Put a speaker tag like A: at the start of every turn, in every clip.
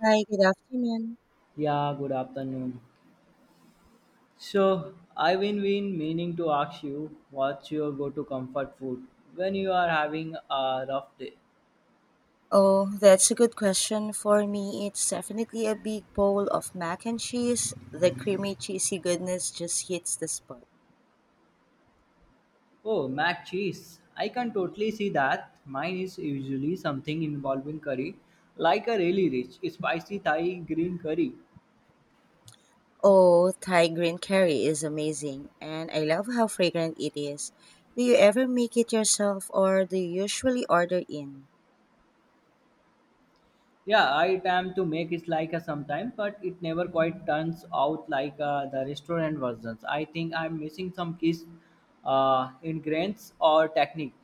A: Hi, good afternoon.
B: Yeah, good afternoon. So, I've been meaning to ask you what's your go to comfort food when you are having a rough day?
A: Oh, that's a good question. For me, it's definitely a big bowl of mac and cheese. The creamy, cheesy goodness just hits the spot.
B: Oh, mac cheese. I can
A: Hmm
B: totally see that. Mine is usually something involving curry, like a really rich, spicy Thai green curry.
A: Oh, Thai green curry is amazing, and I love how fragrant it is. Do you ever make it yourself or do you usually order in?
B: Yeah, I attempt to make it like a sometime, but it never quite turns out like the restaurant versions. I think I'm missing some keys ingredients or technique.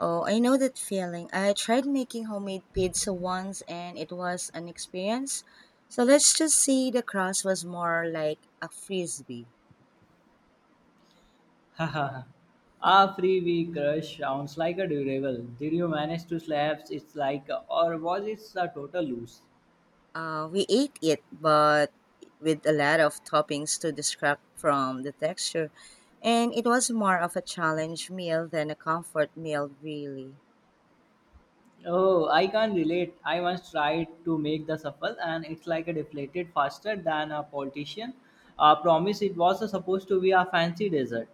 A: Oh, I know that feeling. I tried making homemade pizza once and it was an experience. So let's just say the crust was more like a frisbee.
B: A free week crush sounds like a durable. Did you manage to slap it's like, or was it a total lose?
A: We ate it, but with a lot of toppings to distract from the texture. And it was more of a challenge meal than a comfort meal, really.
B: Oh, I can't relate. I once tried to make the shuffle, and it's like a deflated faster than a politician. I promise it was a supposed to be a fancy dessert.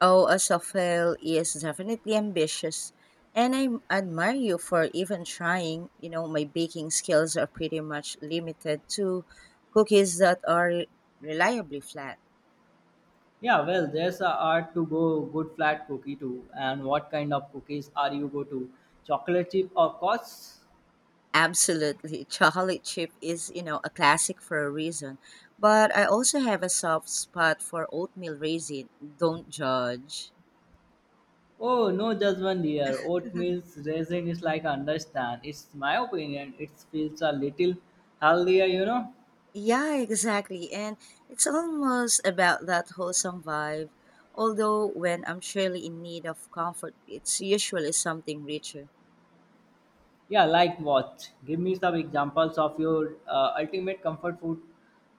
A: Oh, Asafel is definitely ambitious. And I admire you for even trying. My baking skills are pretty much limited to cookies that are reliably flat.
B: Yeah, well, there's a art to go good flat cookie too. And what kind of cookies are you go to? Chocolate chip or course?
A: Absolutely. Chocolate chip is, a classic for a reason. But I also have a soft spot for oatmeal raisin. Don't judge.
B: Oh, no, just one year. Oatmeal's raisin is like understand. It's my opinion. It feels a little healthier, you know.
A: Yeah, exactly. And it's almost about that wholesome vibe. Although when I'm truly in need of comfort, it's usually something richer.
B: Yeah, like what? Give me some examples of your ultimate comfort food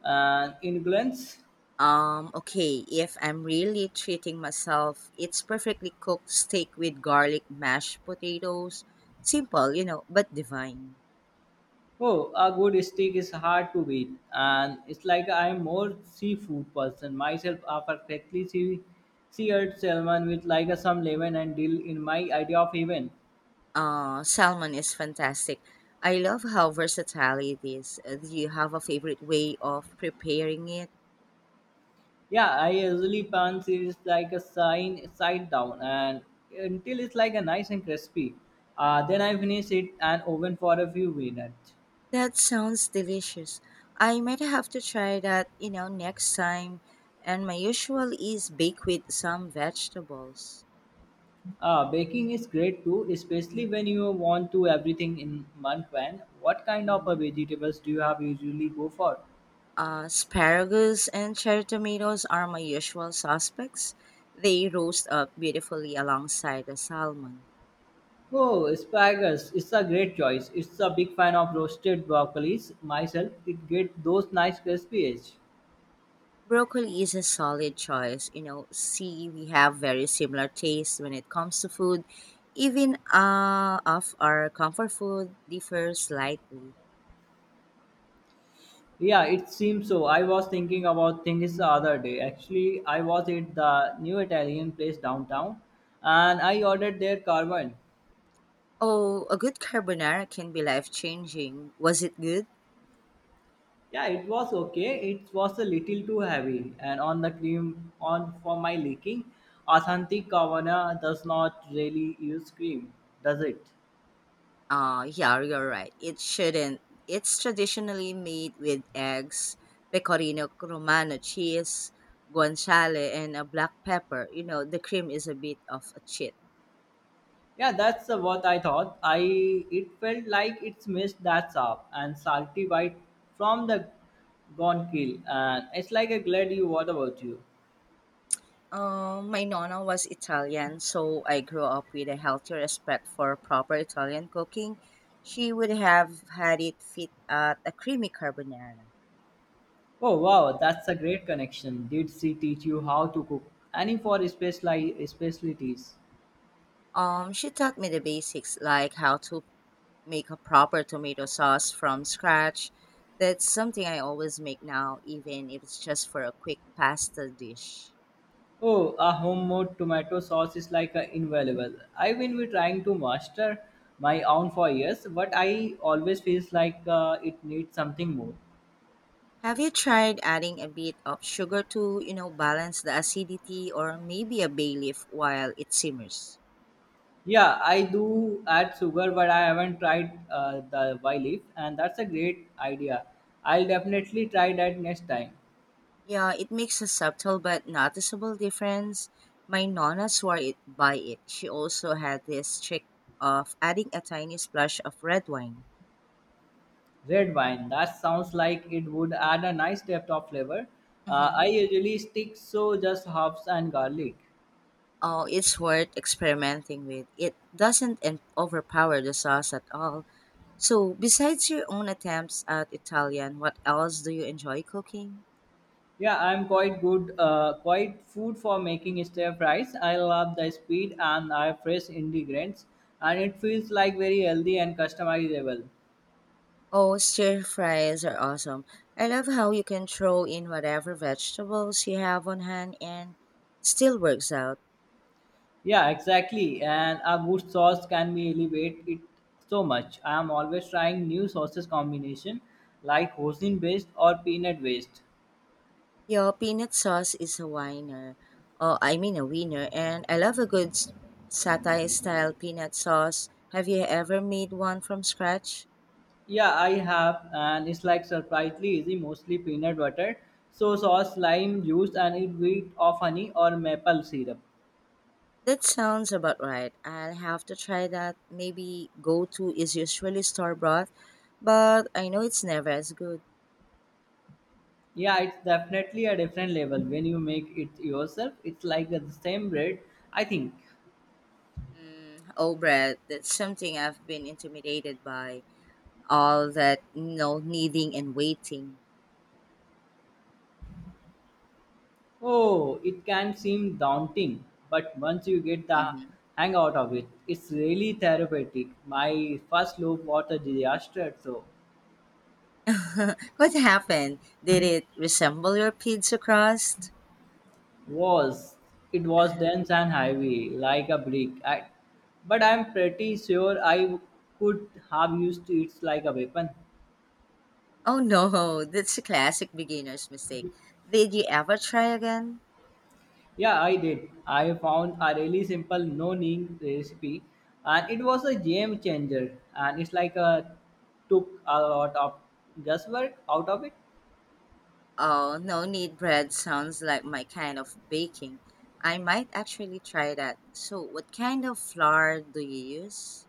B: and influence.
A: Okay, if I'm really treating myself, it's perfectly cooked steak with garlic mashed potatoes. Simple, but divine.
B: Oh, a good steak is hard to beat, and it's like I'm more seafood person myself. A perfectly sea seared salmon with like a, some lemon and dill in my idea of heaven.
A: Salmon is fantastic. I love how versatile it is. Do you have a favorite way of preparing it?
B: Yeah, I usually pan series like a sign side down and until it's like a nice and crispy. Then I finish it and oven for a few minutes.
A: That sounds delicious. I might have to try that next time. And my usual is bake with some vegetables.
B: Baking is great too, especially when you want to everything in one pan. What kind of a
A: Hmm
B: vegetables do you have usually go for?
A: Asparagus and cherry tomatoes are my usual suspects. They roast up beautifully alongside the salmon.
B: Oh, asparagus. It's a great choice. It's a big fan of roasted broccolis myself. It get those nice crispy edge.
A: Broccoli is a solid choice. See, we have very similar tastes when it comes to food. Even of our comfort food differs slightly.
B: Yeah, it seems so. I was thinking about things the other day. Actually, I was at the new Italian place downtown and I ordered their carbon.
A: Oh, a good carbonara can be life changing. Was it good?
B: Yeah, it was okay. It was a little too heavy and on the cream on for my liking. Asanti Kavana does not really use cream, does it?
A: Yeah, you're right. It shouldn't. It's traditionally made with eggs, pecorino romano cheese, guanciale, and a black pepper. The cream is a bit of a cheat.
B: Yeah, that's what I thought. I it felt like it's missed that up and salty bite from the gone kill and it's like a glad you what about you?
A: My nonna was Italian, so I grew up with a healthy respect for proper Italian cooking. She would have had it fit at a creamy carbonara.
B: Oh wow, that's a great connection. Did she teach you how to cook? Any for specialties?
A: She taught me the basics like how to make a proper tomato sauce from scratch. That's something I always make now, even if it's just for a quick pasta dish.
B: Oh, a homemade tomato sauce is like a invaluable. I will be trying to master my own for years, but I always feels like it needs something more.
A: Have you tried adding a bit of sugar to balance the acidity or maybe a bay leaf while it simmers?
B: Yeah, I do add sugar, but I haven't tried the Y leaf, and that's a great idea. I'll definitely try that next time.
A: Yeah, it makes a subtle but noticeable difference. My nonna swore it by it. She also had this trick of adding a tiny splash of red wine.
B: Red wine. That sounds like it would add a nice depth of flavor. I
A: Hmm
B: usually stick so just herbs and garlic.
A: Oh, it's worth experimenting with. It doesn't overpower the sauce at all. So, besides your own attempts at Italian, what else do you enjoy cooking?
B: Yeah, I'm quite good, quite food for making stir fries. I love the speed and I have fresh ingredients, and it feels like very healthy and customizable.
A: Oh, stir fries are awesome. I love how you can throw in whatever vegetables you have on hand and still works out.
B: Yeah, exactly. And a good sauce can be elevate it so much. I am always trying new sauces combination like hoisin based or peanut based.
A: Your peanut sauce is a winner. Oh, I mean a winner. And I love a good satay style peanut sauce. Have you ever made one from scratch?
B: Yeah, I have, and it's like surprisingly easy, mostly peanut butter, so sauce, lime juice, and a bit of honey or maple syrup.
A: That sounds about right. I'll have to try that. Maybe go to is usually store bought, but I know it's never as good.
B: Yeah, it's definitely a different level when you make it yourself. It's like the same bread, I think.
A: Mm, oh, bread. That's something I've been intimidated by. All that kneading and waiting.
B: Oh, it can seem daunting, but once you get the
A: Hmm
B: hang out of it, it's really therapeutic. My first loaf was a disaster, so.
A: What happened? Did it resemble your pizza crust?
B: Was it was dense and heavy like a brick I, but I'm pretty sure I could have used it like a weapon.
A: Oh no, that's a classic beginner's mistake. Did you ever try again?
B: Yeah, I did. I found a really simple no ning recipe, and it was a game changer, and it's like a took a lot of guesswork out of it.
A: Oh, no need bread sounds like my kind of baking. I might actually try that. So, what kind of flour do you use?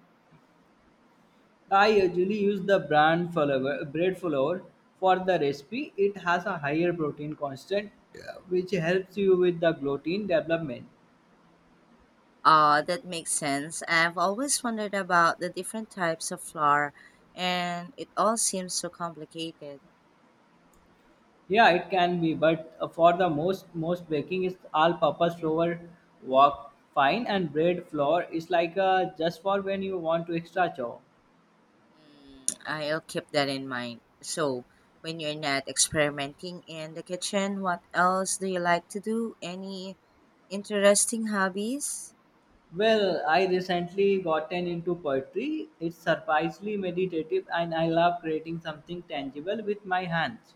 B: I usually use the brand flour bread flour for the recipe. It has a higher protein constant, which helps you with the gluten development.
A: Ah, that makes sense. I've always wondered about the different types of flour, and it all seems so complicated.
B: Yeah, it can be, but for the most baking is all-purpose flour, work fine, and bread flour is like just for when you want to extra chow.
A: Mm, I'll keep that in mind. So, when you're not experimenting in the kitchen, what else do you like to do? Any interesting hobbies?
B: Well, I recently gotten into poetry. It's surprisingly meditative, and I love creating something tangible with my hands.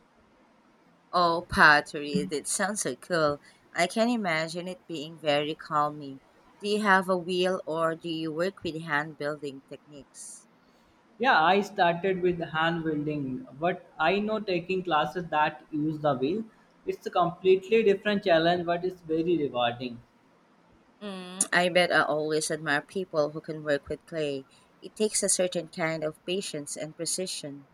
A: Oh, pottery. That sounds so cool. I can imagine it being very calming. Do you have a wheel or do you work with hand building techniques?
B: Yeah, I started with hand welding, but I know taking classes that use the wheel. It's a completely different challenge, but it's very rewarding.
A: Mm, I bet I always admire people who can work with clay. It takes a certain kind of patience and precision.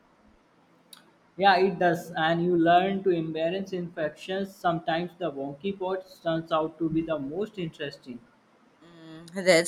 B: Yeah, it does, and you learn to embrace imperfections. Sometimes the wonky part turns out to be the most interesting.
A: Mm, that's